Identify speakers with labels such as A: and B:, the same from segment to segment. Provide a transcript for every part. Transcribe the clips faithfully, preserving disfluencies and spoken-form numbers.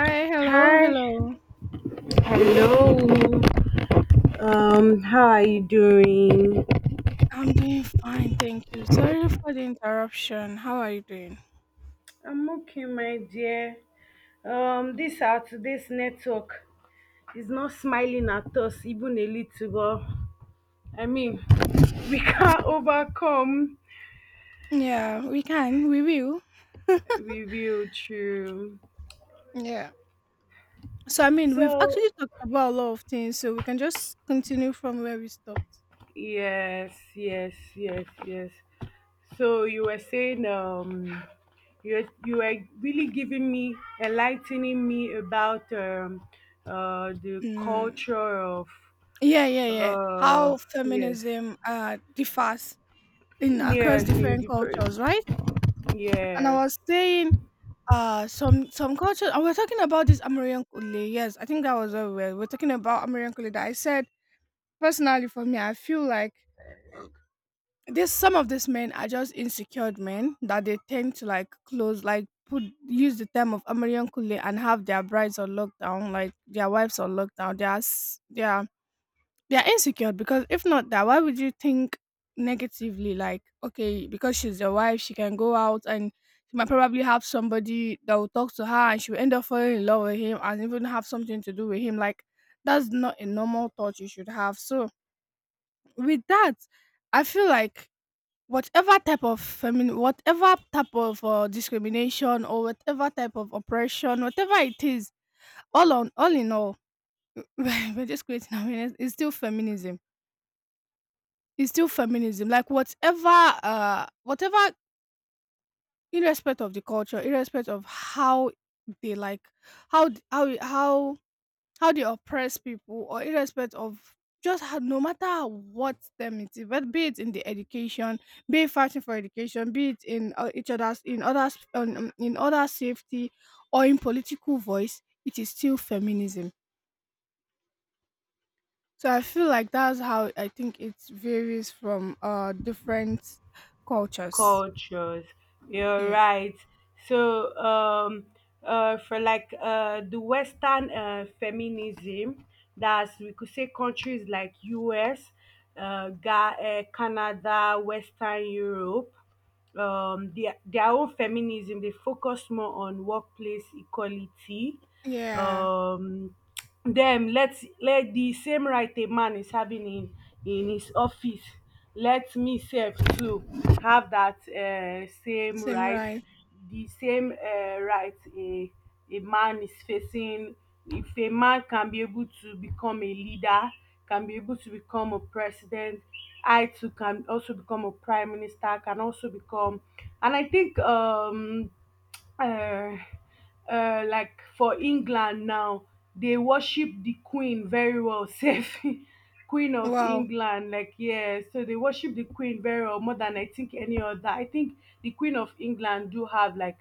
A: Hi, hello,
B: Hi,
A: hello.
B: Hello. Um, how are you doing?
A: I'm doing fine, thank you. Sorry for the interruption. How are you doing?
B: I'm okay, my dear. Um, this our today's network is not smiling at us even a little, but I mean, we can't overcome.
A: Yeah, we can, we will.
B: We will true.
A: Yeah. So, I mean, we've
B: So
A: actually talked about a lot of things, so we can just continue from where we stopped.
B: yes, yes, yes, yes. So you were saying, um, you you were really giving me enlightening me about um, uh, the
A: Mm.
B: culture of
A: Yeah, yeah, yeah.
B: uh,
A: How
B: yes,
A: feminism uh, differs in across
B: yes, in
A: different
B: different,
A: cultures, right? And I
B: yes,
A: was saying, uh, some some cultures. I was talking about this Amerian Kule. Yes, I think that was where we were. We are talking about Amerian Kule. That I said personally for me, I feel like this some of these men are just insecure men that they tend to like close like put use the term of American Kule and have their brides on lockdown, like their wives on lockdown. They are s- they are they are insecure because if not that, why would you think negatively, like okay, because she's your wife she can go out and she might probably have somebody that will talk to her and she will end up falling in love with him and even have something to do with him, like that's not a normal thought you should have. So with that I feel like whatever type of femin- whatever type of uh, discrimination or whatever type of oppression, whatever it is, all on all in all, we're just creating awareness. It's still feminism. It's still feminism. Like whatever, uh, whatever, irrespective of the culture, irrespective of how they like, how how how how they oppress people, or irrespective of just how, no matter what them it is, but be it in the education, be it fighting for education, be it in uh, each other's in others um, um, in other safety or in political voice, it is still feminism. So I feel like that's how I think it varies from uh different cultures.
B: cultures. You're
A: Yeah.
B: right. So um uh, for, like, uh, the Western uh, feminism, that's, we could say, countries like us, uh, Ga- uh, Canada, Western Europe. Um, their, their own feminism. They focus more on workplace equality.
A: Yeah.
B: Um, Them, let's let the same right a man is having in in his office. Let me self too have that uh, same
A: Same
B: right,
A: right.
B: the same uh, right a a man is facing. If a man can be able to become a leader, can be able to become a president, I too can also become a prime minister, can also become. And I think um uh, uh, like, for England now, they worship the Queen very well, safe Queen of
A: Wow.
B: England. Like, yeah, so they worship the Queen very well, more than I think any other. I think the Queen of England do have like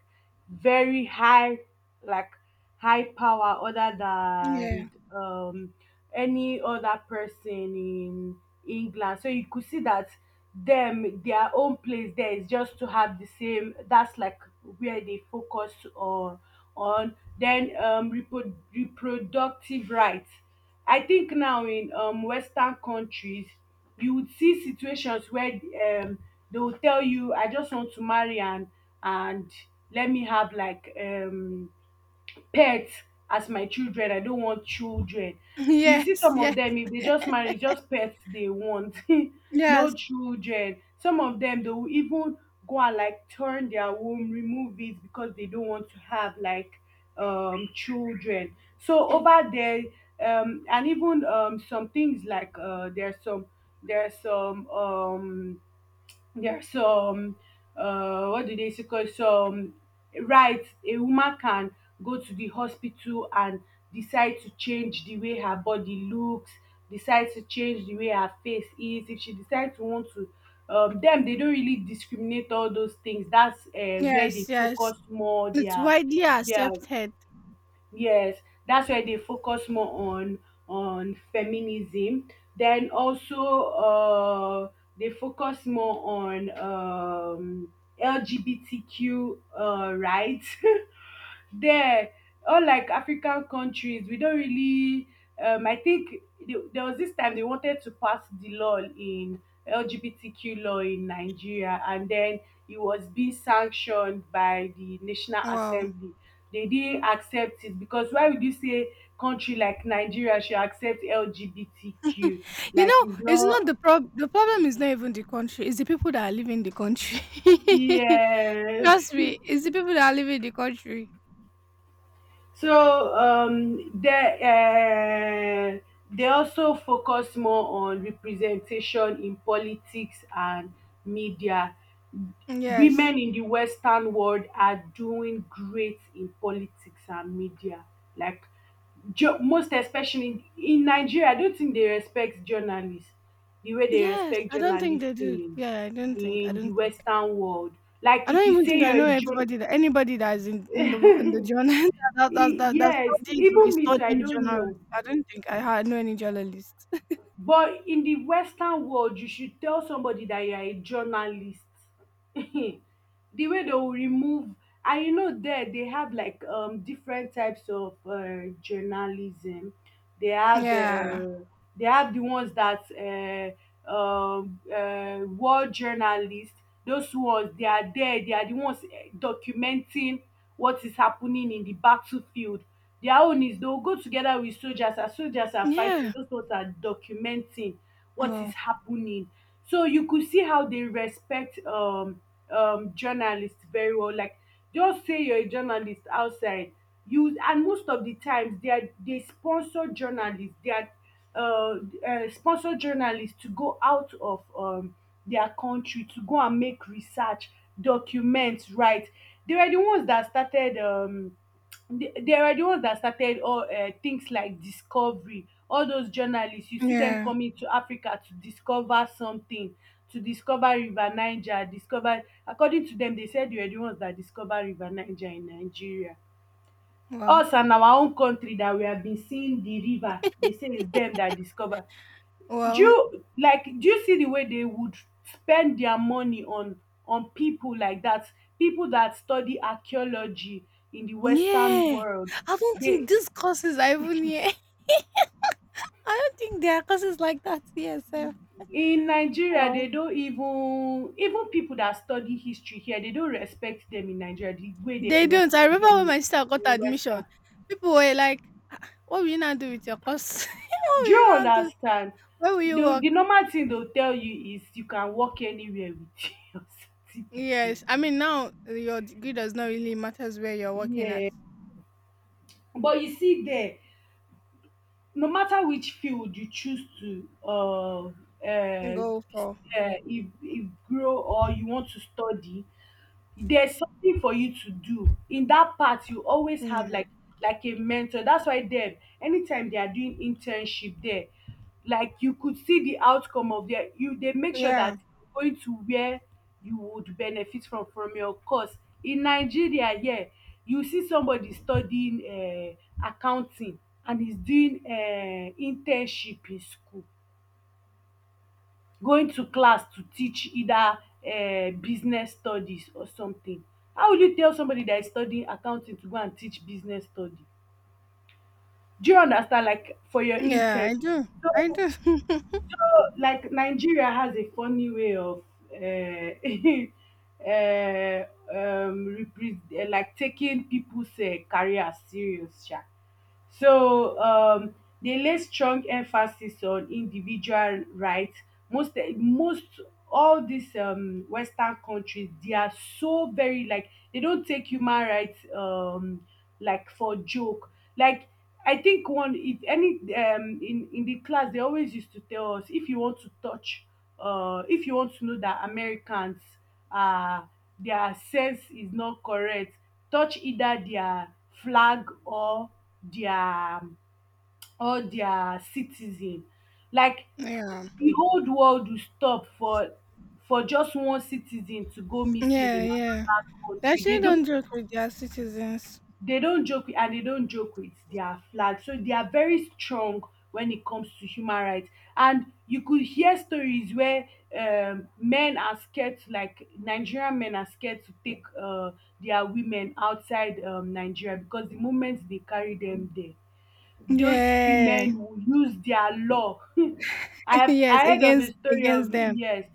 B: very high, like, high power other than
A: Yeah.
B: um any other person in England. So you could see that them their own place there is just to have the same, that's like where they focus on, on then um repro- reproductive rights. I think now in um Western countries, you would see situations where um they will tell you, I just want to marry, and and let me have like um pets as my children. I don't want children. You see,
A: Yes.
B: some of
A: Yes.
B: them, if they just marry, it's just pets they want.
A: Yes.
B: No children. Some of them, they will even go and like turn their womb, remove it because they don't want to have like um children. So
A: It,
B: over there, um, and even um some things like, uh, there's some there's some, um yeah, so, um, uh, what do they say? Cause so, um, right, a woman can go to the hospital and decide to change the way her body looks, decide to change the way her face is. If she decides to want to, um, them they don't really discriminate all those things. That's uh, where they
A: yes. Yes.
B: focus more,
A: It's
B: their
A: widely
B: their
A: accepted.
B: Yes, that's where they focus more on on feminism. Then also, uh, they focus more on, um, L G B T Q uh, rights. There, unlike African countries, we don't really... um I think, the, there was this time they wanted to pass the law in, L G B T Q law in Nigeria, and then it was being sanctioned by the National
A: Wow.
B: Assembly. They didn't accept it. Because why would you say country like Nigeria should accept L G B T Q?
A: You
B: Like,
A: know,
B: it's
A: it's not
B: not.
A: the problem. The problem is not even the country. It's the people that are living the country.
B: Yes.
A: Trust me, it's the people that are living the country.
B: So, um, they uh, they also focus more on representation in politics and media.
A: Yes.
B: Women in the Western world are doing great in politics and media. Like, jo- most especially in, in Nigeria, I don't think they respect journalists the way they
A: Yes.
B: respect
A: I don't think
B: journalists
A: they do.
B: in
A: Yeah, I don't think. I
B: in the
A: don't think.
B: Western world. Like,
A: I don't
B: if you
A: even
B: say
A: think I
B: you're
A: know
B: a journalist.
A: everybody that anybody that is in, in the in the journal that that
B: E-
A: that that
B: yes,
A: studying or is
B: even me too, I
A: studying
B: don't
A: journalism.
B: know.
A: I don't think I ha- know any journalist.
B: But in the Western world, you should tell somebody that you are a journalist, the way they will remove... And you know, there they have like um different types of uh, journalism. they have
A: Yeah.
B: uh, they have the ones that, uh, um uh, war journalists, those ones, they are there, they are the ones eh, documenting what is happening in the battlefield. Their own is they will go together with soldiers as soldiers are fighting.
A: Yeah.
B: Those ones are documenting what is
A: Well.
B: happening. So you could see how they respect, um um journalists very well. Like, just say you're a journalist outside, you... And most of the times, they are they sponsor journalists. They are, uh, uh sponsor journalists to go out of um their country to go and make research documents, right. They were the ones that started, um the- there are the ones that started all uh, things like discovery. All those journalists you see them
A: Yeah.
B: coming to Africa to discover something, to discover River Niger, discover... According to them, they said they were the ones that discovered River Niger in Nigeria.
A: Well.
B: Us and our own country that we have been seeing the river, they say it's them that discover. Do
A: Well.
B: you, like, do you see the way they would spend their money on, on people like that, people that study archaeology in the Western
A: Yeah.
B: world?
A: I don't
B: They
A: think these courses are even here. I don't think there are courses like that here sef.
B: in Nigeria,
A: Wow.
B: they don't even... Even people that study history here, they don't respect them in Nigeria the way they
A: They don't. I
B: respect them
A: remember when my sister got
B: in, in
A: admission,
B: Western.
A: people were like, "What will you now do with your course? What
B: Do
A: will you
B: you
A: now do?
B: understand?
A: Where will you
B: the,
A: work?"
B: the normal thing they'll tell you is you can walk anywhere with your certificate.
A: Yes. I mean, now uh, your degree does not really matters where you're working at.
B: Yeah. But you see there, no matter which field you choose to, uh, uh, uh,
A: Go for.
B: if, if grow or you want to study, there's something for you to do. In that part, you always have
A: Yeah.
B: like, like a mentor. That's why them, anytime they are doing internship there, like you could see the outcome of their, you... They make sure
A: Yeah.
B: that you're going to where you would benefit from from your course. In Nigeria, yeah, you see somebody studying um accounting, and he's doing um internship in school, going to class to teach either um business studies or something. How will you tell somebody that is studying accounting to go and teach business study? Do you understand? Like, for your
A: Yeah, I
B: internship.
A: do. I
B: So,
A: do.
B: so, like, Nigeria has a funny way of, uh, uh, um, repre- eh, like, taking people's uh, career serious, sha. So, um, they lay strong emphasis on individual rights. Most eh, most, all these um, Western countries, they are so very, like, they don't take human rights, um, like, for joke. Like, I think, one it any um in in the class they always used to tell us, if you want to touch, uh if you want to know that Americans, uh their sense is not correct, touch either their flag, or their, or their citizen. Like,
A: Yeah.
B: the old world will stop for for just one citizen to go missing
A: Yeah,
B: in
A: yeah.
B: another
A: They
B: country. They
A: actually
B: don't
A: don't joke with their citizens.
B: they don't joke with. And they don't joke with their flag. So they are very strong when it comes to human rights. And you could hear stories where, um, men are scared to, like, Nigerian men are scared to take uh, their women outside um, Nigeria, because the moment they carry them there, those
A: Yeah.
B: women will use their law. I've
A: Yes,
B: I heard of a
A: against
B: story
A: against
B: of,
A: them.
B: yes,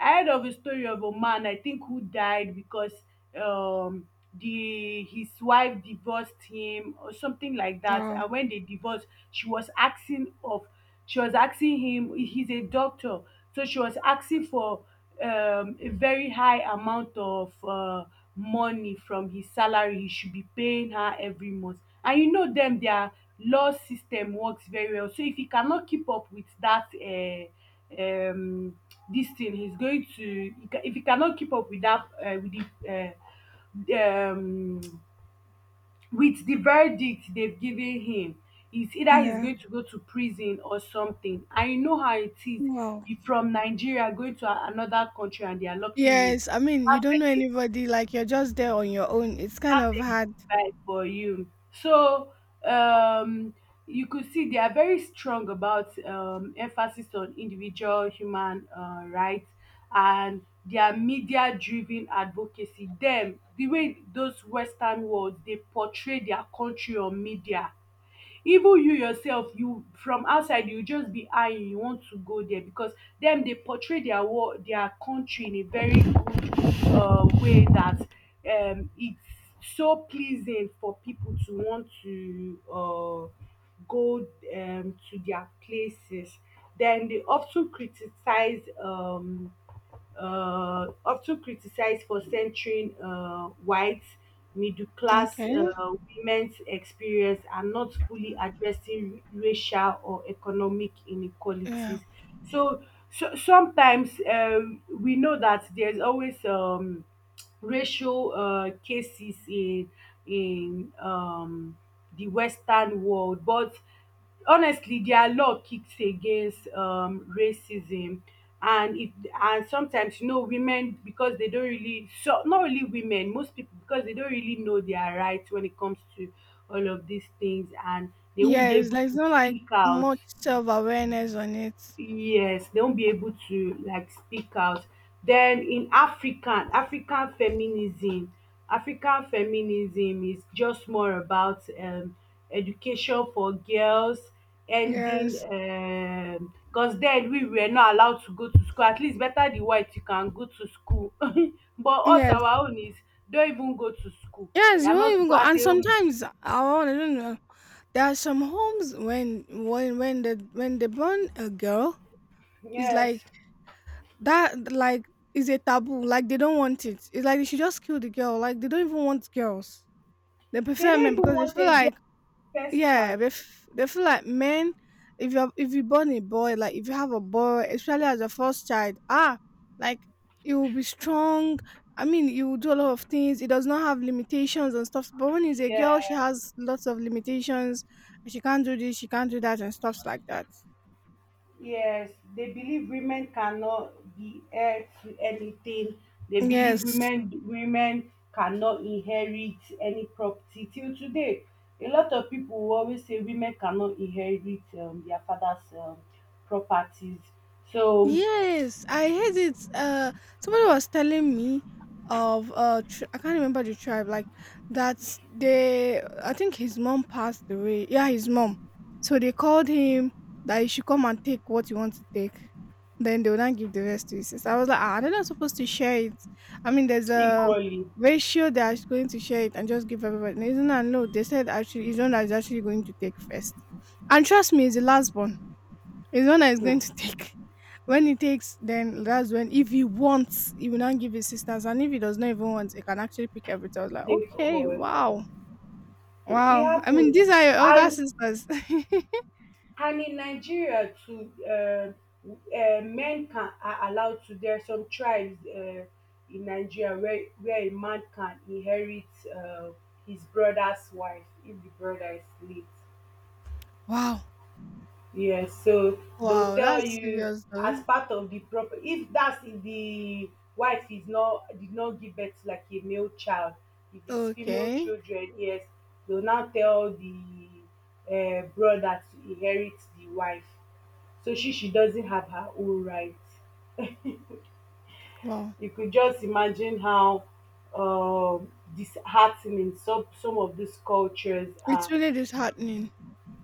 B: I heard of a story of a man I think who died because, um the his wife divorced him or something like that.
A: Oh,
B: And when they divorced, she was asking of she was asking him, he's a doctor, so she was asking for um, a very high amount of uh, money from his salary he should be paying her every month, and you know them their law system works very well. So if he cannot keep up with that, uh, um, this thing he's going to if he cannot keep up with that, uh, with the uh, um, with the verdict they've given him, is either he's
A: yeah.
B: going to go to prison or something. And you know how it is,
A: Wow.
B: you from Nigeria going to a- another country and they are locking you,
A: Yes, I mean you
B: that's
A: don't know
B: like a,
A: anybody. Like you're just there on your own. It's kind of
B: that's a
A: hard.
B: bad for you. So, um you could see, they are very strong about, um emphasis on individual human uh, rights, and their media driven advocacy, them the way those Western worlds they portray their country on media, even you yourself, you from outside, you just be eyeing, you want to go there because them they portray their war their country in a very good um way, that, um it's so pleasing for people to want to uh go um to their places. Then they of criticize, um uh, often criticized for centering uh, white middle class
A: Okay.
B: uh, women's experience and not fully addressing racial or economic
A: Yeah.
B: inequalities. So, so sometimes um, we know that there's always, um, racial uh, cases in in, um, the Western world, but honestly their law kicks against um racism. And if, and sometimes, you know, women, because they don't really, so, not really women, most people, because they don't really know their rights when it comes to all of these things, and they won't be
A: Yes,
B: able
A: like it's
B: to
A: not like
B: speak out.
A: much self awareness on it.
B: Yes, they won't be able to, like, speak out. Then in African, African feminism, African feminism is just more about, um, education for girls, ending,
A: Yes.
B: because then we were not allowed to go to school. At least better the white, you can go to school, but us,
A: Yes.
B: our own is, don't even go to school.
A: Yes,
B: You
A: you
B: are
A: won't
B: not
A: even go.
B: supposed
A: And
B: to.
A: sometimes I will I don't know. There are some homes when when when the when they born a girl, it's like
B: Yes,
A: that, like is a taboo. Like they don't want it. It's like they should just kill the girl. Like they don't even want girls. They
B: they
A: prefer
B: don't
A: men
B: even
A: because they
B: want
A: feel
B: a
A: like
B: girl first
A: yeah,
B: child.
A: they f- they feel like men. If you are if you born a boy, like if you have a boy, especially as a first child, ah, like he will be strong. I mean, he will do a lot of things. He does not have limitations and stuff. But when he's a girl, she
B: Yeah.
A: has lots of limitations. She can't do this. She can't do that and stuff like that.
B: Yes, they believe women cannot be heir to anything. They
A: Yes.
B: believe women women cannot inherit any property. Till today, a lot of people will always say women cannot inherit um, their father's um, properties. So
A: Yes, I heard it. Uh, somebody was telling me of uh, tr- I can't remember the tribe. Like that's they. I think his mom passed away. Yeah, his mom. So they called him that he should come and take what you want to take. Then they would not give the rest to his sister. I was like, ah, they're not supposed to share it. I mean, there's a
B: equally,
A: ratio that is going to share it and just give everybody. No, isn't that no. They said actually, he's the one that's actually going to take first. And trust me, he's the last born. It's one that is going to
B: hmm,
A: take. When he takes, then that's when if he wants, he will not give his sisters, and if he does not even want, he can actually pick everything. I was like,
B: they
A: okay,
B: all.
A: wow,
B: It
A: wow. I mean,
B: happens,
A: these are your older
B: and
A: sisters.
B: And in Nigeria too, uh, uh, men can are allowed to. There are some tribes uh, in Nigeria where where a man can inherit uh, his brother's wife if the brother is late.
A: Wow,
B: Yes, so they'll
A: wow,
B: tell
A: that's
B: you
A: serious
B: as
A: though.
B: part of the proper if that's if the wife is not did not give birth to like a male child, if it's female
A: Okay,
B: children, yes, they'll now tell the uh, brother to inherit the wife. So she she doesn't have her own rights.
A: wow,
B: You could just imagine how um disheartening some some of these cultures
A: it's
B: are.
A: really disheartening.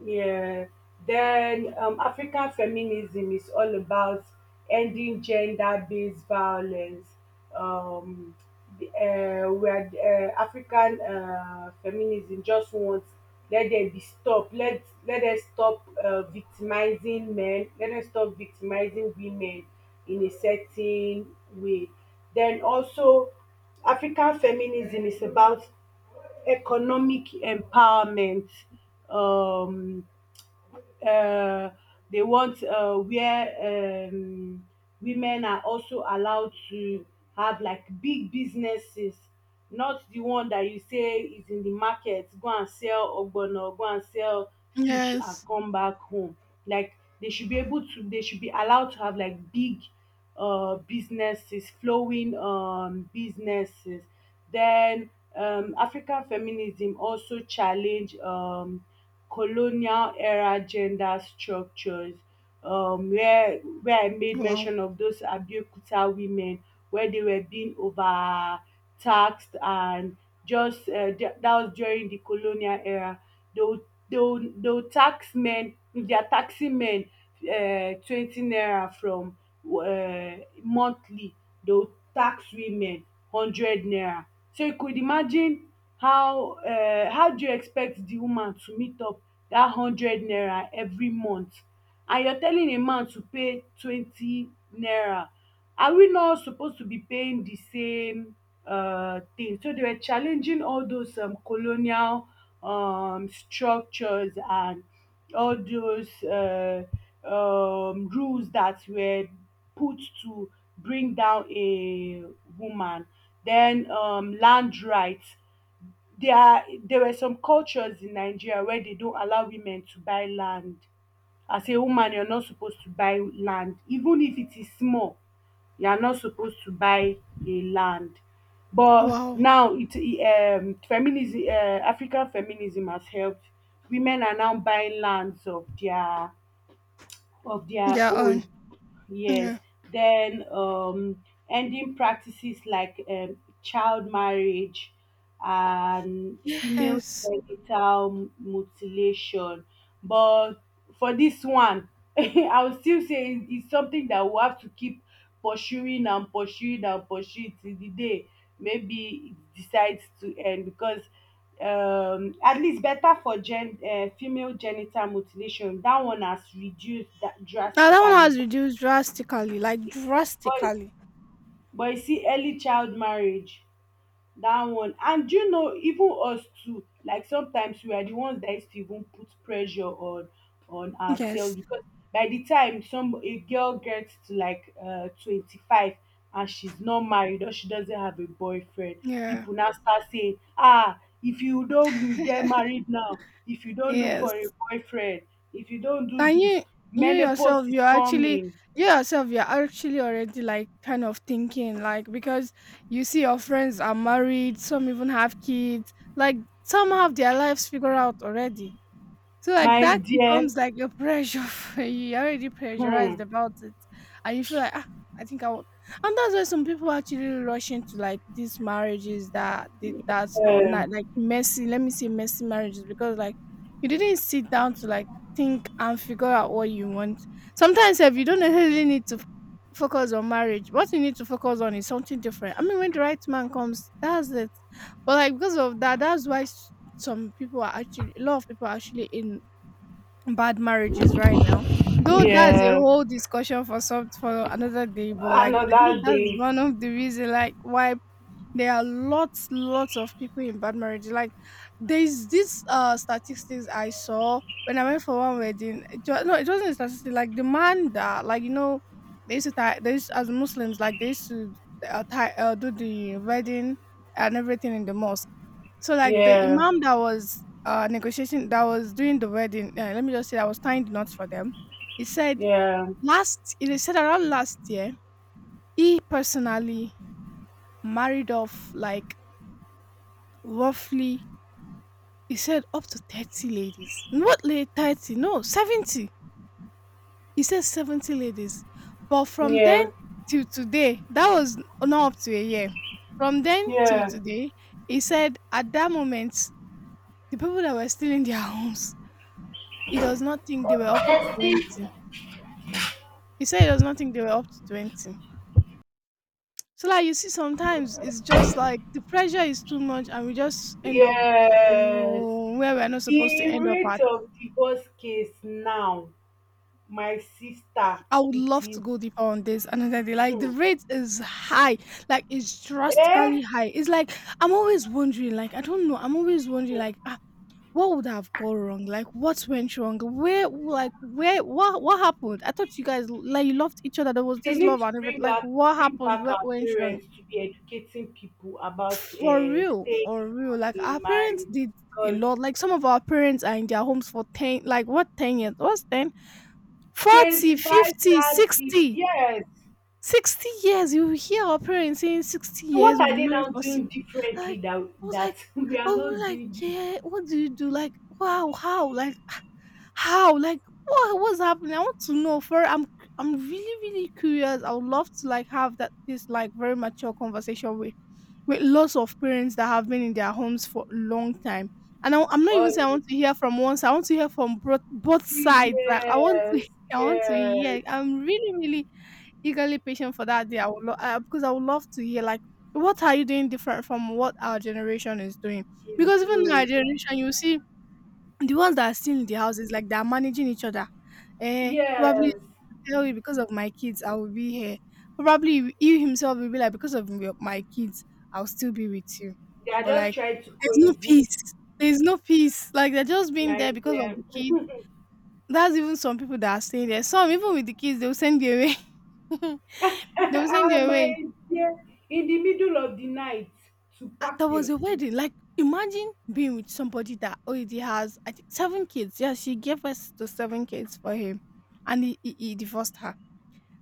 B: Yeah. Then um, African feminism is all about ending gender-based violence. Um, the, uh, where uh, African uh, feminism just wants let there be stop. Let let us stop uh, victimizing men. Let us stop victimizing women in a certain way. Then also, African feminism is about economic empowerment. Um, uh, they want uh, where um, women are also allowed to have like big businesses, not the one that you say is in the market, go and sell ogbono, go and sell fish and
A: Yes,
B: come back home. Like they should be able to, they should be allowed to have like big uh, businesses, flowing um, businesses. Then um, African feminism also challenge um, colonial era gender structures um, where where I made
A: wow,
B: mention of those Abeokuta women where they were being overtaxed and just uh, that that was during the colonial era. they will they will they will tax men. If they are taxing men um twenty naira from um monthly, they will tax women hundred naira. So you could imagine how um how do you expect the woman to meet up that hundred naira every month, and you're telling a man to pay twenty naira. Are we not suppose to be paying the same um thing? So they were challenging all those um colonial um, structures and all those uh, um, rules that were put to bring down a woman. Then um, land rights. There are, there were some cultures in Nigeria where they don't allow women to buy land. As a woman, you're not supposed to buy land. Even if it is small, you are not supposed to buy a land, but
A: wow.
B: now it e, um feminism, uh African feminism has helped. Women are now buying lands of their of their
A: Yeah, on.
B: own.
A: Yeah.
B: Yes. Then um, ending practices like um, child marriage and female
A: Yes.
B: genital mutilation. But for this one, I will still say it- it's something that we have to keep pursuing and pursuing and pursuing till the day maybe it decides to end, because um, at least better for gen uh, female genital mutilation. That one has reduced that
A: Now that one
B: drastically.
A: has reduced drastically, like
B: But
A: drastically.
B: but you see, early child marriage, that one. And do you know, even us too, like sometimes we are the ones that used to even put pressure on on ourselves,
A: Yes.
B: because by the time some a girl gets to like uh twenty-five and she's not married, or she doesn't have a boyfriend,
A: Yeah.
B: people now start saying, ah, if you don't get married now, if you don't look for a
A: Yes.
B: boyfriend, if you don't do
A: And
B: this,
A: you you yourself
B: menopause is
A: you're actually
B: coming,
A: you yourself you're actually already like kind of thinking like, because you see your friends are married, some even have kids, like some have their lives figured out already. So like
B: my
A: that
B: dear.
A: becomes like a pressure for you. You're already pressurized
B: Hmm.
A: about it, and you feel like ah, I think I will. And that's why some people actually rush into like these marriages that they- that's not,
B: um
A: not like messy. Let me say messy marriages, because like you didn't sit down to like think and figure out what you want. Sometimes if you don't necessarily need to f- focus on marriage, what you need to focus on is something different. I mean, when the right man comes, that's it. But like because of that, that's why some people are actually a lot of people are actually in bad marriages right now. Though that's a
B: Yeah,
A: whole discussion for some for another day, but like I think
B: another
A: that's
B: day.
A: one of the reason like why there are lots, lots of people in bad marriage. Like there's this uh statistics I saw when I went for one wedding. It was, no, it wasn't a statistic. Like the man that, like you know, they used to tie. They used, as Muslims, like they used to uh, tie, uh, do the wedding and everything in the mosque. So like the
B: Yeah,
A: imam that was uh negotiating, that was doing the wedding. Uh, let me just say, I was tying the knots for them. He said
B: yeah,
A: last. He said around last year, he personally married off like roughly, he said up to thirty ladies. Not late thirty, no, seventy. He said seventy ladies. But from
B: yeah,
A: then till today, that was not up to a year. From then till
B: yeah,
A: today, he said at that moment, the people that were still in their homes, he does not think they were up to twenty. He said he does not think they were up to twenty. So, like, you see, sometimes it's just like the pressure is too much, and we just end up
B: yes.
A: mm, where we're not supposed to
B: The
A: end up
B: rate
A: at.
B: of divorce case now, my sister,
A: I would
B: it
A: love to
B: is.
A: go deeper on this another day. Like the
B: Hmm.
A: rate is high, like it's
B: Eh,
A: drastically high. It's like I'm always wondering, like I don't know, I'm always wondering, like ah, what would have gone wrong? Like what went wrong? Where, like where, what, what happened? I thought you guys like you loved each other. There was
B: they
A: this
B: need
A: love
B: to
A: and everything.
B: bring
A: Like
B: out,
A: what
B: bring
A: happened?
B: back
A: What
B: our
A: went wrong?
B: parents to be educating people about,
A: For
B: eh,
A: real,
B: staying
A: for real.
B: in,
A: Like our
B: in
A: parents
B: marriage,
A: did a
B: because
A: lot. Like some of our parents are in their homes for ten, like what ten years? What's ten? Forty,
B: twenty-five,
A: fifty,
B: thirty,
A: sixty.
B: yes.
A: 60 years you hear our parents saying sixty
B: So
A: years
B: what
A: we'll
B: are
A: be
B: they
A: married
B: now
A: for six
B: doing differently
A: like
B: that
A: i was like
B: that we
A: i
B: are not
A: was like
B: doing this
A: yeah what do you do, like wow how, like how like what what's happening. I want to know for i'm I'm really really curious. I would love to like have that this like very mature conversation with with lots of parents that have been in their homes for a long time and I, I'm not
B: all
A: even saying I
B: the
A: want to hear from one side, I want to hear from both both sides, like I want
B: yes,
A: to I want to
B: yes,
A: hear, I'm really really eagerly patient for that day. I would lo- uh, because I would love to hear like what are you doing different from what our generation is doing?
B: is
A: Because even in our
B: doing.
A: generation, you see the ones that are still in the houses, like they are managing each other. Eh, probably
B: Yes.
A: tell you because of my kids, I will be here. Probably he he himself will be like because of your- my kids, I'll still be with you.
B: They are
A: But
B: just
A: like,
B: trying to
A: there's no
B: coexist,
A: peace. There's no peace. Like they're just being
B: my
A: there because of
B: dear.
A: the kids. That's even some people that are staying there. Some even with the kids, they'll send you away. They will send
B: Ah,
A: you away.
B: my dear, in the middle of the night to pack
A: There was
B: your
A: a
B: things.
A: wedding. Like, imagine being with somebody that already has, I think, seven kids. Yeah, she gave birth to seven kids for him, and he, he, he divorced her.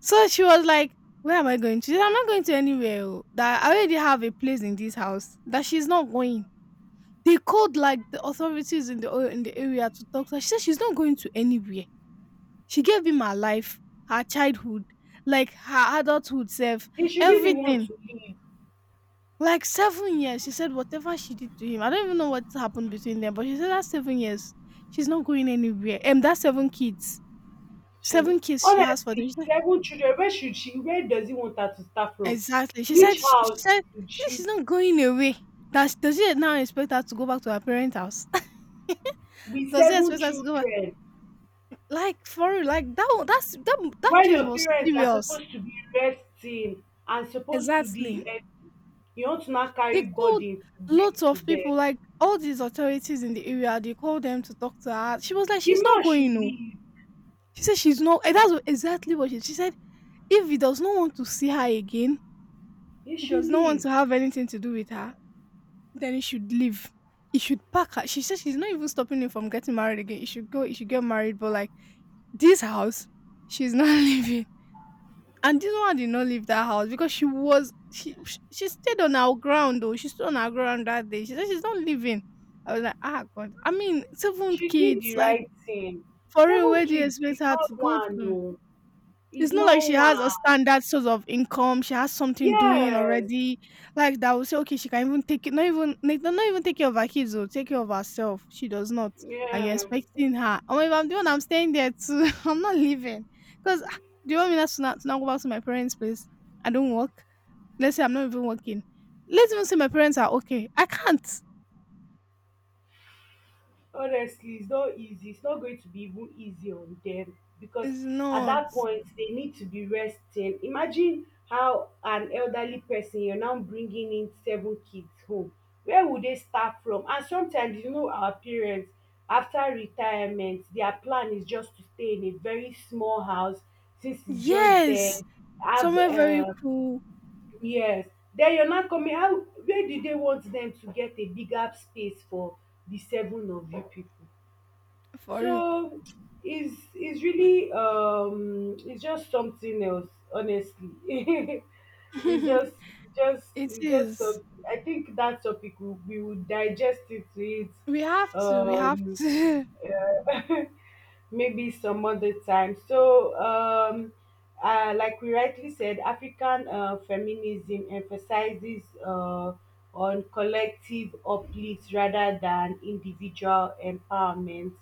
A: So she was like, "Where am I going to? She said, I'm not going to anywhere. oh, That I already have a place in this house. That she's not going." They called like the authorities in the o- in the area to talk to her. She said she's not going to anywhere. She gave him her life, her childhood, like her adulthood self,
B: He should be the one
A: everything,
B: to leave.
A: like seven years. She said whatever she did to him, I don't even know what happened between them, but she said that seven years, she's not going anywhere. And that seven kids
B: She,
A: seven kids she has for them.
B: honestly,
A: She said
B: seven children, where should she where does he want her to start from?
A: exactly. She said
B: Which
A: she she
B: house
A: said
B: should
A: she said
B: she
A: she's not going away. Does does he now expect her to go back to her parents' house?
B: with
A: Does he
B: seven
A: expect her to go back?
B: children?
A: Like, for real, like, that one, that's that that
B: When
A: kid
B: your
A: was
B: parents are
A: serious.
B: supposed to be resting and supposed to be
A: Exactly.
B: helping, you want to now
A: They
B: carry
A: called
B: burden to
A: lots
B: bring to
A: of people,
B: them.
A: like, all these authorities in the area, they called them to talk to her. She was like,
B: The
A: "She's not
B: man should
A: going o."
B: leave,
A: She said she's not, and that's exactly what she she said. If he does not want to see her again,
B: he
A: he
B: should
A: does not want
B: leave.
A: to have anything to do with her, then he should leave. He should pack her. She said she's not even stopping him from getting married again. He should go, he should get married. But like this house, she's not leaving. And this one did not leave that house because she was she she she stayed on our ground though. She stood on our ground that day. She said she's not leaving. I was like, ah god. I mean, seven
B: She did
A: kids,
B: the
A: like,
B: right thing.
A: for real,
B: Seven
A: where do you
B: kids is
A: expect her to
B: not
A: go
B: one
A: to?
B: o,
A: It's
B: is
A: not like
B: not
A: she has a
B: one.
A: standard source of income. She has something doing
B: Yes,
A: already, like that. Will say, okay, she can even take it. Not even, like, not even take care of her kids. Or take care of herself. She does not, and you're
B: yeah,
A: expecting her. Oh, if I'm the one, I'm staying there too. I'm not leaving. Because do you want me not to, not to now go back to my parents' place? I don't work. Let's say I'm not even working. Let's even say my parents are okay. I can't.
B: honestly, it's not easy. It's not going to be even easy on them, because
A: It's
B: at
A: not.
B: that point they need to be resting. Imagine how, an elderly person, you're now bringing in seven kids home. Where would they start from? And sometimes, you know, our parents after retirement, their plan is just to stay in a very small house, since it's just
A: Yes,
B: them. Have,
A: somewhere very
B: uh,
A: cool
B: yes. Then you're not coming, how, where do they want them to get a bigger space for the seven of you people?
A: for you.
B: So it's it's really um it's just something else, honestly. It's just just
A: It
B: it's just
A: is.
B: so, I think that topic, we, we would digest it to it.
A: We have to. We have
B: um
A: to.
B: yeah. Maybe some other time. So, um, uh, like we rightly said, African uh, feminism emphasizes uh, on collective uplift rather than individual empowerment,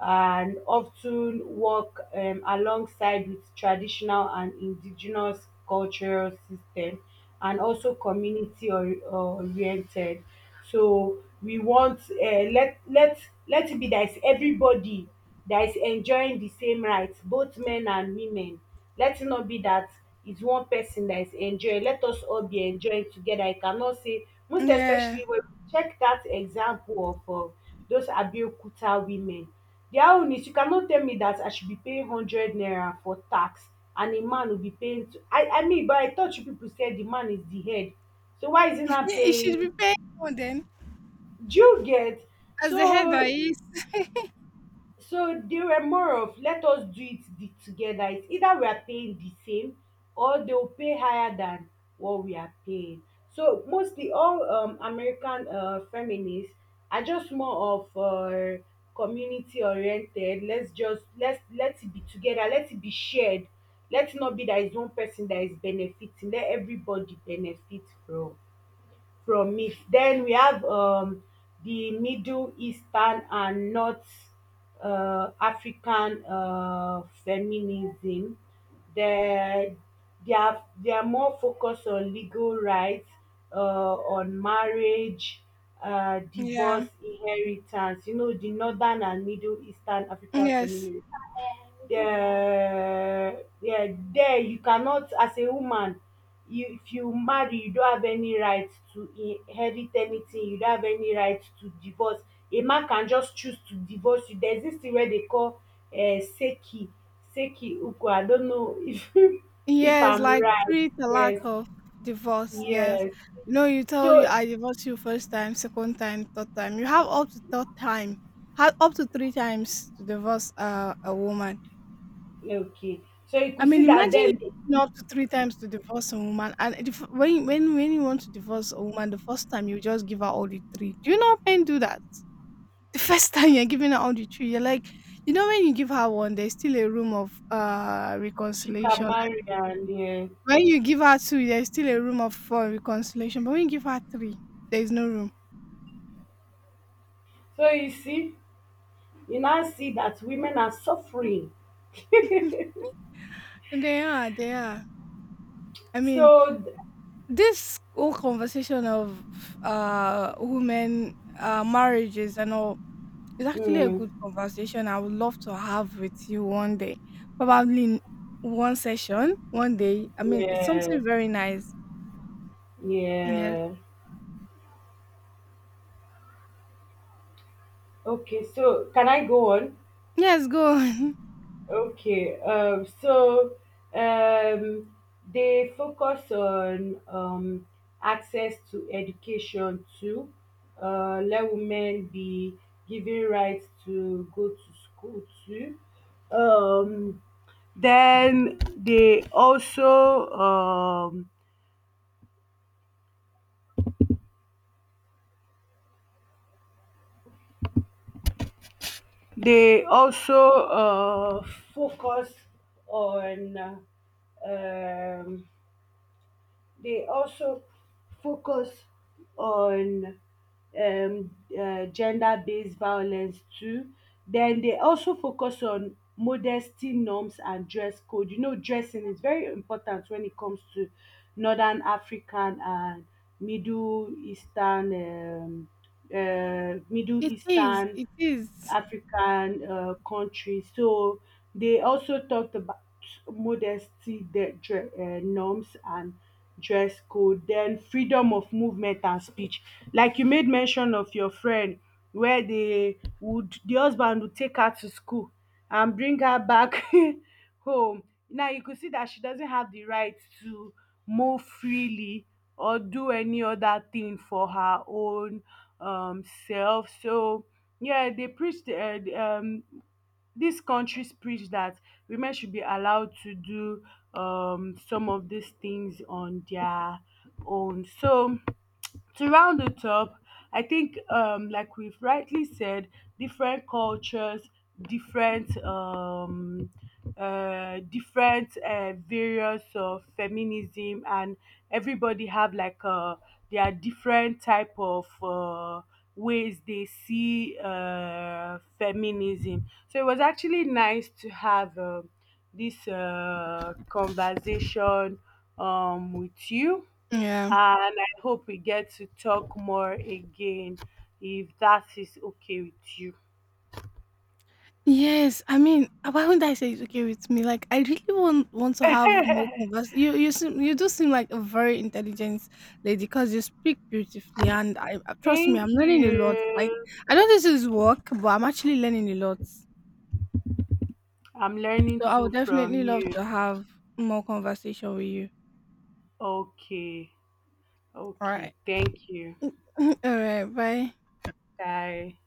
B: and often work um, alongside with traditional and indigenous cultural system, and also community or, oriented. So we want um let let let it be that is everybody that is enjoying the same rights, both men and women. Let it not be that it's one person that is enjoying. Let us all be enjoying together. I cannot say, most
A: Yeah.
B: especially when we check that example of uh, those Abeokuta women. Their own is you cannot tell me that I should be paying hundred naira for tax and a man will be paying. T- I I mean, but I thought you people said the man is the head. So why is he not
A: It should be
B: paying?
A: paid more then,
B: Do you get?
A: as the head. That
B: so
A: is.
B: so they were more of let us do it the, together. It's either we are paying the same or they will pay higher than what we are paying. So mostly all um, American uh, feminists are just more of uh, community oriented. Let's just let's let it be together, let it be shared. Let it not be that it's one person that is benefiting, let everybody benefit from from meat. Then we have um, the Middle Eastern and North uh, African uh, feminism. They, they, are, they are more focused on legal rights, uh, on marriage, uh,
A: Yeah.
B: divorce, inheritance. You know, the Northern and Middle Eastern African
A: Yes.
B: feminism, um there there you cannot, as a woman, you, if you marry, you don't have any right to inherit anything, you don't have any right to divorce. A man can just choose to divorce you. There's this thing wey they call um seki, seki uku, I don't know if if
A: Yes,
B: I'm
A: like
B: right.
A: treat the
B: Yes,
A: lack of divorce. Yes.
B: yes,
A: You know, you tell you
B: so
A: I divorce you first time, second time, third time. You have up to third time. Have up to three times to divorce uh, a woman.
B: okay, so you
A: I
B: could see
A: mean,
B: that.
A: imagine
B: Then
A: you up to three times to divorce a woman, and if, when when when you want to divorce a woman, the first time you just give her all the three. Do you know how men do that? The first time you're giving out the tree, you're like, you know, when you give her one, there's still a room of uh
B: she can
A: reconciliation. And
B: marry and yeah.
A: when you give her two, there's still a room of for reconciliation. But when you give her three, there's no room.
B: So you see, you now see that women are suffering.
A: And they are, they are. I mean,
B: So, th-
A: this whole conversation of uh women uh marriages and all is actually a
B: mm,
A: good conversation. I would love to have with you one day, probably in one session, one day. I mean, it's
B: yeah,
A: something very nice. Yes.
B: yeah. Okay, so can I go on?
A: Yes, go.
B: Okay, um, so um, they focus on um, access to education too. Uh, let women be given rights to go to school too. Um, then they also um, They also uh, focus on uh, um, they also focus on um, uh, gender-based violence too. Then they also focus on modesty norms and dress code. You know, dressing is very important when it comes to Northern African and Middle Eastern um, uh, Middle
A: It is,
B: Eastern
A: it is.
B: African uh, countries. So they also talked about modesty, the dre- uh, norms, and dress code. Then freedom of movement and speech. Like you made mention of your friend, where they would the husband would take her to school and bring her back home. Now you could see that she doesn't have the right to move freely or do any other thing for her own um, self. So yeah, they preached uh, the, um, these countries preach that women should be allowed to do um, some of these things on their own. So to round it up, I think, um, like we've rightly said, different cultures, different, um, uh, different uh, various of feminism, and everybody have like uh, there are different type of uh, ways they see uh, feminism. So it was actually nice to have um this uh, conversation um, with you,
A: Yeah.
B: and I hope we get to talk more again if that is okay with you.
A: Yes, I mean, uh, why wouldn't I say it's okay with me? Like, I really want want to have more convers. You you seem you do seem like a very intelligent lady because you speak beautifully, and I, uh, trust me, I'm
B: Thank
A: learning a lot. Like,
B: you.
A: I know this is work, but I'm actually learning a lot.
B: I'm learning
A: So I
B: too
A: would definitely
B: from you.
A: love to have more conversation with you.
B: Okay.
A: All
B: Okay.
A: right.
B: Thank you.
A: All right, bye.
B: Bye.